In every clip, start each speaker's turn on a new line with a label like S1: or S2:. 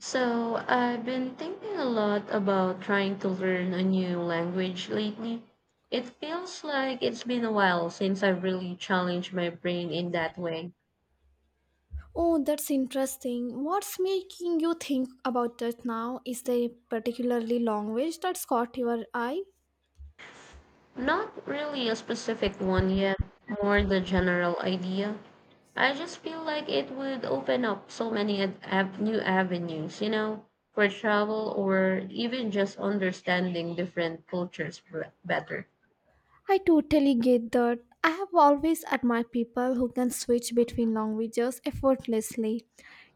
S1: So, I've been thinking a lot about trying to learn a new language lately. It feels like it's been a while since I've really challenged my brain in that way.
S2: Oh, that's interesting. What's making you think about that now? Is there a particularly language that's caught your eye?
S1: Not really a specific one yet, more the general idea. I just feel like it would open up so many new avenues, you know, for travel or even just understanding different cultures better.
S2: I totally get that. I have always admired people who can switch between languages effortlessly.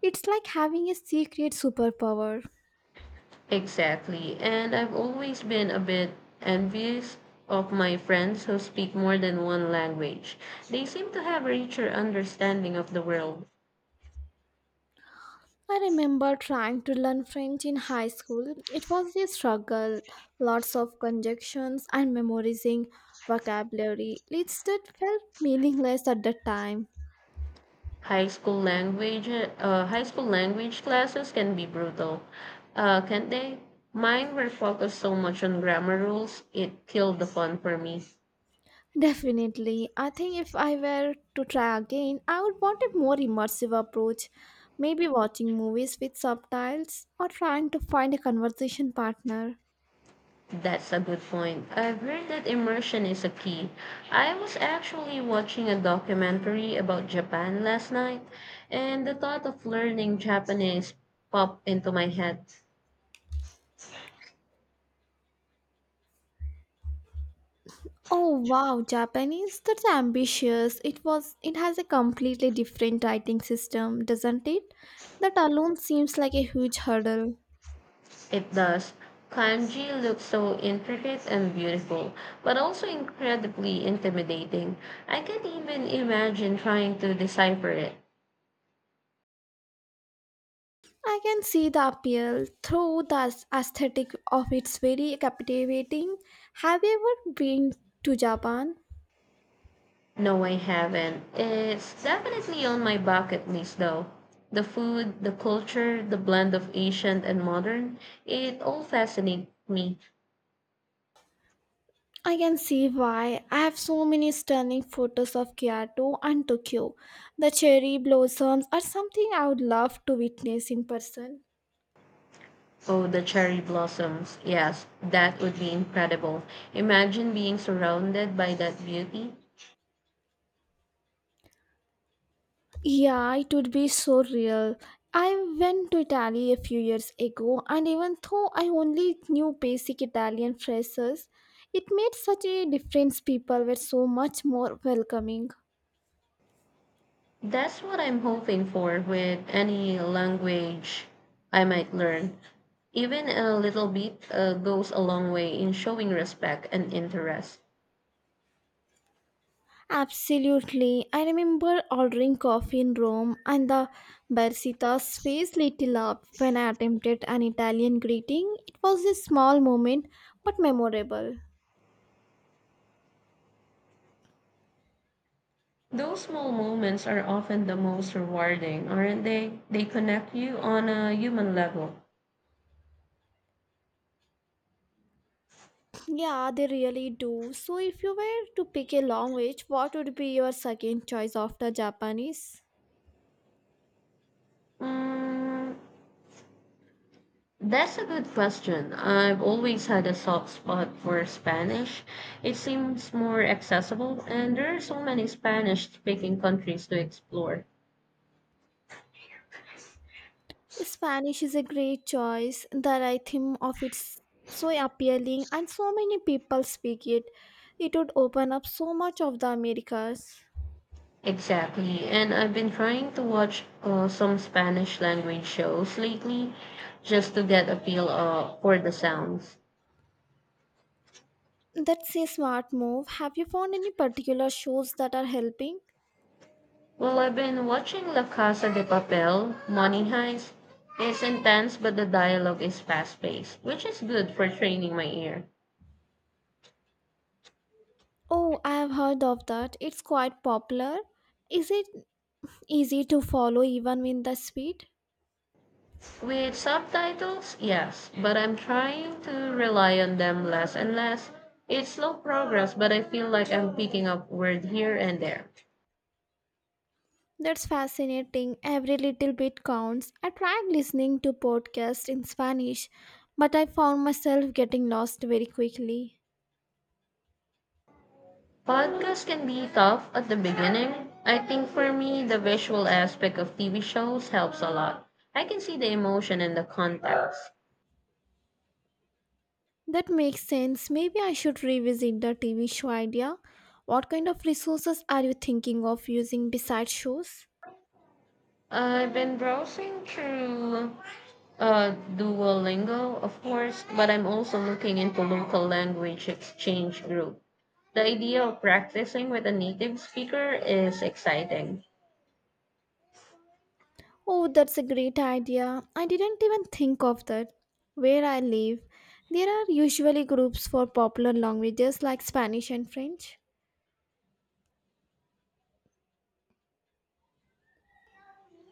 S2: It's like having a secret superpower.
S1: Exactly. And I've always been a bit envious of my friends who speak more than one language. They seem to have a richer understanding of the world.
S2: I remember trying to learn French in high school. It was a struggle, lots of conjunctions and memorizing vocabulary. It's that felt meaningless at the time.
S1: High school language classes can be brutal, can't they? Mine were focused so much on grammar rules, it killed the fun for me.
S2: Definitely. I think if I were to try again, I would want a more immersive approach, maybe watching movies with subtitles or trying to find a conversation partner.
S1: That's a good point. I've heard that immersion is a key. I was actually watching a documentary about Japan last night, and the thought of learning Japanese popped into my head.
S2: Oh wow, Japanese, that's ambitious. It has a completely different writing system, doesn't it? That alone seems like a huge hurdle.
S1: It does. Kanji looks so intricate and beautiful, but also incredibly intimidating. I can't even imagine trying to decipher it.
S2: I can see the appeal through the aesthetic of it's very captivating. Have you ever been to Japan?
S1: No, I haven't. It's definitely on my bucket list, though. The food, the culture, the blend of ancient and modern, it all fascinates me.
S2: I can see why. I have so many stunning photos of Kyoto and Tokyo. The cherry blossoms are something I would love to witness in person.
S1: Oh, the cherry blossoms. Yes, that would be incredible. Imagine being surrounded by that beauty.
S2: Yeah, it would be so real. I went to Italy a few years ago, and even though I only knew basic Italian phrases, it made such a difference. People were so much more welcoming.
S1: That's what I'm hoping for with any language I might learn. Even a little bit goes a long way in showing respect and interest.
S2: Absolutely. I remember ordering coffee in Rome and the barcista's face lit up when I attempted an Italian greeting. It was a small moment but memorable.
S1: Those small moments are often the most rewarding, aren't they? They connect you on a human level.
S2: Yeah, they really do. So if you were to pick a language, what would be your second choice after Japanese?
S1: Mm, that's a good question. I've always had a soft spot for Spanish. It seems more accessible, and there are so many Spanish speaking countries to explore.
S2: Spanish is a great choice. The rhythm of it's so appealing and so many people speak it. It would open up so much of the Americas.
S1: Exactly, and I've been trying to watch some Spanish language shows lately just to get a feel for the sounds.
S2: That's a smart move. Have you found any particular shows that are helping?
S1: Well, I've been watching La Casa de Papel, Money Heist. It's intense, but the dialogue is fast paced, which is good for training my ear.
S2: Oh, I have heard of that. It's quite popular. Is it easy to follow even in the speed?
S1: With subtitles, yes, but I'm trying to rely on them less and less. It's slow progress, but I feel like I'm picking up word here and there.
S2: That's fascinating. Every little bit counts. I tried listening to podcasts in Spanish, but I found myself getting lost very quickly.
S1: Podcasts can be tough at the beginning. I think for me, the visual aspect of TV shows helps a lot. I can see the emotion and the context.
S2: That makes sense. Maybe I should revisit the TV show idea. What kind of resources are you thinking of using besides shows?
S1: I've been browsing through Duolingo, of course, but I'm also looking into local language exchange group. The idea of practicing with a native speaker is exciting.
S2: Oh, that's a great idea. I didn't even think of that. Where I live, there are usually groups for popular languages like Spanish and French.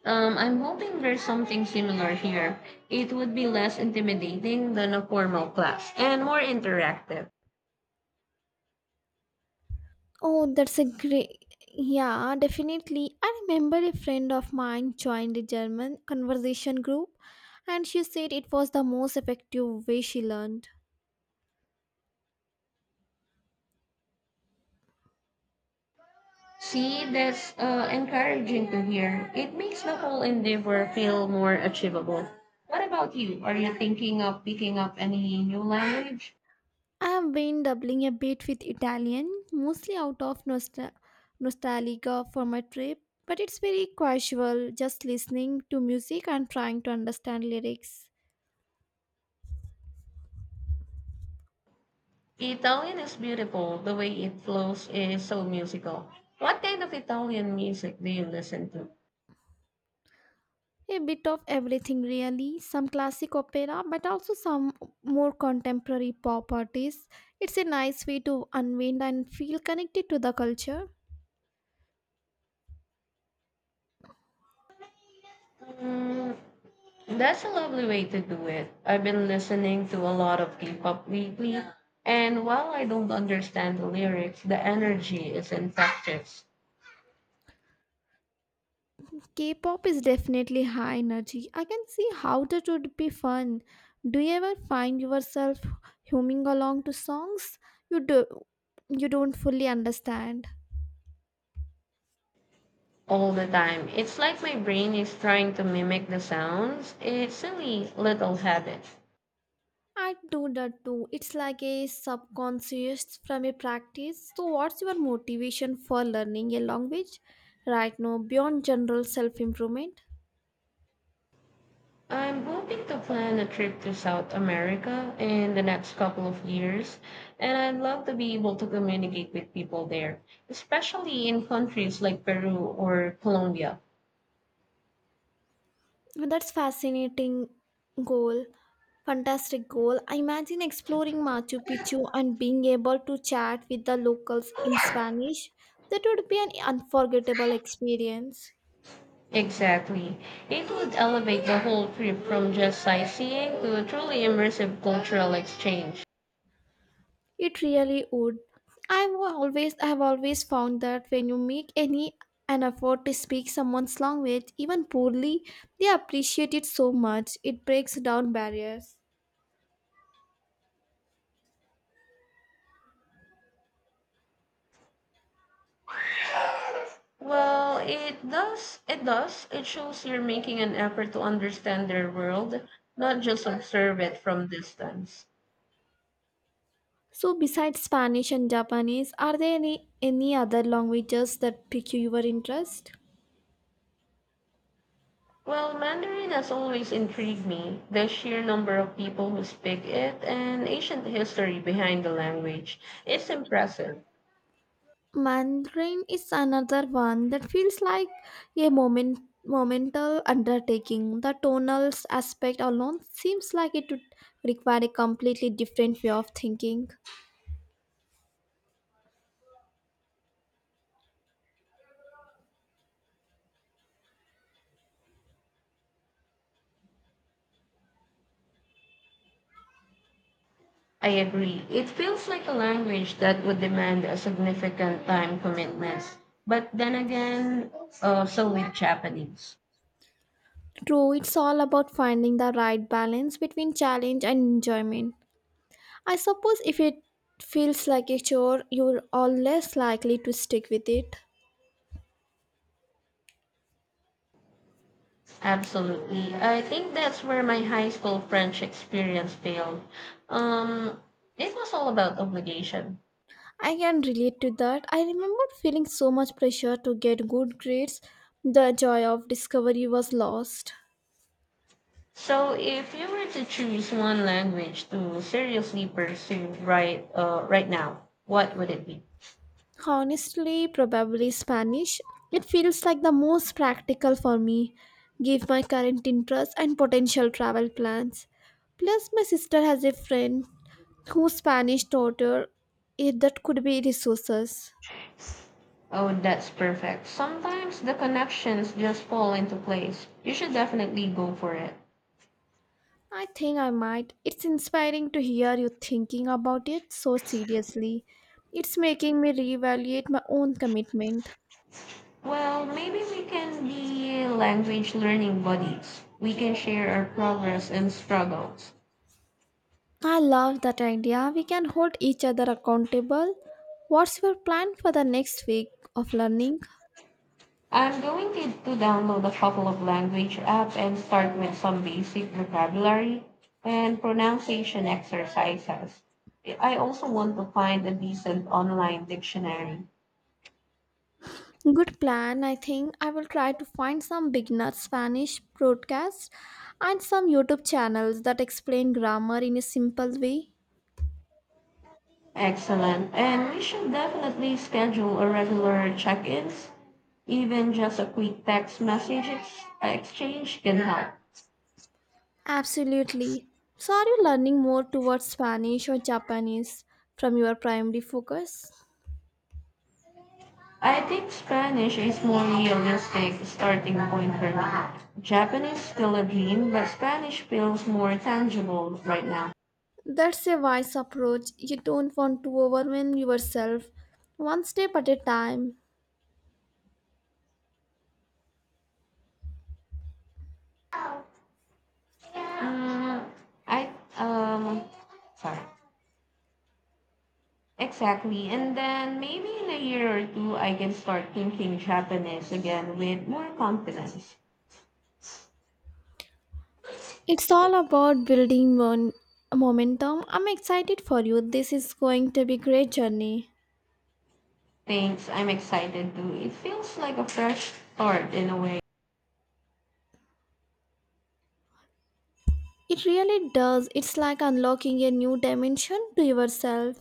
S1: I'm hoping there's something similar here. It would be less intimidating than a formal class and more interactive.
S2: Oh, that's a great. Yeah, definitely. I remember a friend of mine joined a German conversation group and she said it was the most effective way she learned.
S1: See, that's encouraging to hear. It makes the whole endeavor feel more achievable. What about you? Are you thinking of picking up any new language?
S2: I've been doubling a bit with Italian, mostly out of nostalgia for my trip, but it's very casual, just listening to music and trying to understand lyrics.
S1: Italian is beautiful. The way it flows is so musical. What kind of Italian music do you listen to?
S2: A bit of everything, really. Some classic opera, but also some more contemporary pop artists. It's a nice way to unwind and feel connected to the culture.
S1: Mm, that's a lovely way to do it. I've been listening to a lot of K-pop lately, and while I don't understand the lyrics, the energy is infectious.
S2: K-pop is definitely high energy. I can see how that would be fun. Do you ever find yourself humming along to songs you do you don't fully understand?
S1: All the time. It's like my brain is trying to mimic the sounds. It's silly little habit.
S2: I do that too. It's like a subconscious from a practice. So what's your motivation for learning a language right now beyond general self-improvement?
S1: I'm hoping to plan a trip to South America in the next couple of years, and I'd love to be able to communicate with people there, especially in countries like Peru or Colombia.
S2: That's fascinating goal. Fantastic goal. I imagine exploring Machu Picchu and being able to chat with the locals in Spanish. That would be an unforgettable experience.
S1: Exactly. It would elevate the whole trip from just sightseeing to a truly immersive cultural exchange.
S2: It really would. I've always found that when you make any an effort to speak someone's language, even poorly, they appreciate it so much. It breaks down barriers.
S1: Well, it does. It does. It shows you're making an effort to understand their world, not just observe it from distance.
S2: So besides Spanish and Japanese, are there any other languages that pique your interest?
S1: Well, Mandarin has always intrigued me, the sheer number of people who speak it and ancient history behind the language. It's impressive.
S2: Mandarin is another one that feels like a momental undertaking. The tonal aspect alone seems like it would require a completely different way of thinking.
S1: I agree. It feels like a language that would demand a significant time commitment. But then again, so with Japanese.
S2: True, it's all about finding the right balance between challenge and enjoyment. I suppose if it feels like a chore, you're all less likely to stick with it.
S1: Absolutely. I think that's where my high school French experience failed. Um, it was all about obligation.
S2: I can relate to that. I remember feeling so much pressure to get good grades, the joy of discovery was lost.
S1: So, if you were to choose one language to seriously pursue right now, what would it be?
S2: Honestly, probably Spanish. It feels like the most practical for me, given my current interests and potential travel plans. Plus, my sister has a friend whose Spanish daughter, if that could be resources.
S1: Oh, that's perfect. Sometimes the connections just fall into place. You should definitely go for it.
S2: I think I might. It's inspiring to hear you thinking about it so seriously. It's making me reevaluate my own commitment.
S1: Well, maybe we can be language learning buddies. We can share our progress and struggles.
S2: I love that idea. We can hold each other accountable. What's your plan for the next week of learning?
S1: I'm going to download a couple of language apps and start with some basic vocabulary and pronunciation exercises. I also want to find a decent online dictionary.
S2: Good plan. I think I will try to find some beginner Spanish broadcasts and some YouTube channels that explain grammar in a simple way.
S1: Excellent. And we should definitely schedule a regular check-ins. Even just a quick text message exchange can help.
S2: Absolutely. So, are you learning more towards Spanish or Japanese from your primary focus?
S1: I think Spanish is more realistic starting point for me. Japanese still a dream, but Spanish feels more tangible right now.
S2: That's a wise approach. You don't want to overwhelm yourself one step at a time.
S1: Mm, I sorry. Exactly. And then maybe in a year or two I can start thinking Japanese again with more confidence.
S2: It's all about building one momentum. I'm excited for you. This is going to be great journey.
S1: Thanks. I'm excited too. It feels like a fresh start in a way.
S2: It really does. It's like unlocking a new dimension to yourself.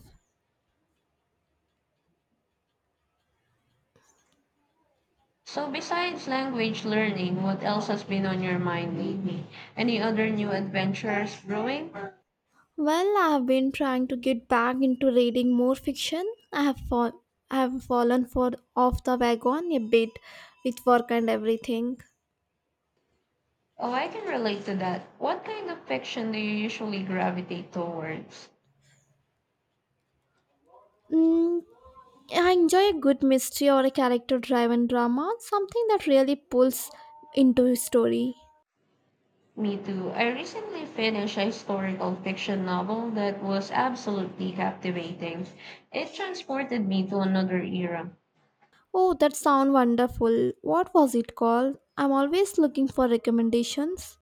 S1: So besides language learning, what else has been on your mind lately? Any other new adventures brewing?
S2: Well, I've been trying to get back into reading more fiction. I have fall- I have fallen for off the wagon a bit with work and everything.
S1: Oh, I can relate to that. What kind of fiction do you usually gravitate towards?
S2: Mm, I enjoy a good mystery or a character-driven drama, something that really pulls into a story.
S1: Me too. I recently finished a historical fiction novel that was absolutely captivating. It transported me to another era.
S2: Oh, that sounds wonderful. What was it called? I'm always looking for recommendations.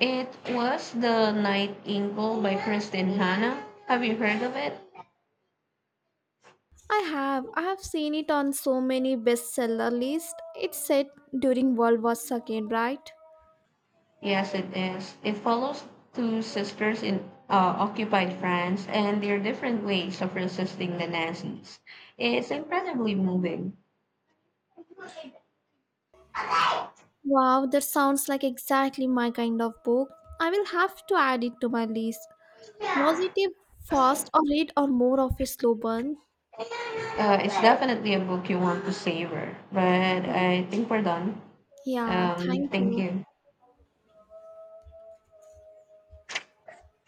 S1: It was The Nightingale by Kristen Hanna. Have you heard of it?
S2: I have. I have seen it on so many bestseller lists. It's set during World War II, right?
S1: Yes, it is. It follows two sisters in occupied France and their different ways of resisting the Nazis. It's incredibly moving.
S2: Wow, that sounds like exactly my kind of book. I will have to add it to my list. Was it a fast or read or more of a slow burn?
S1: It's definitely a book you want to savor, but I think we're done.
S2: Yeah, thank
S1: Thank
S2: you.
S1: you.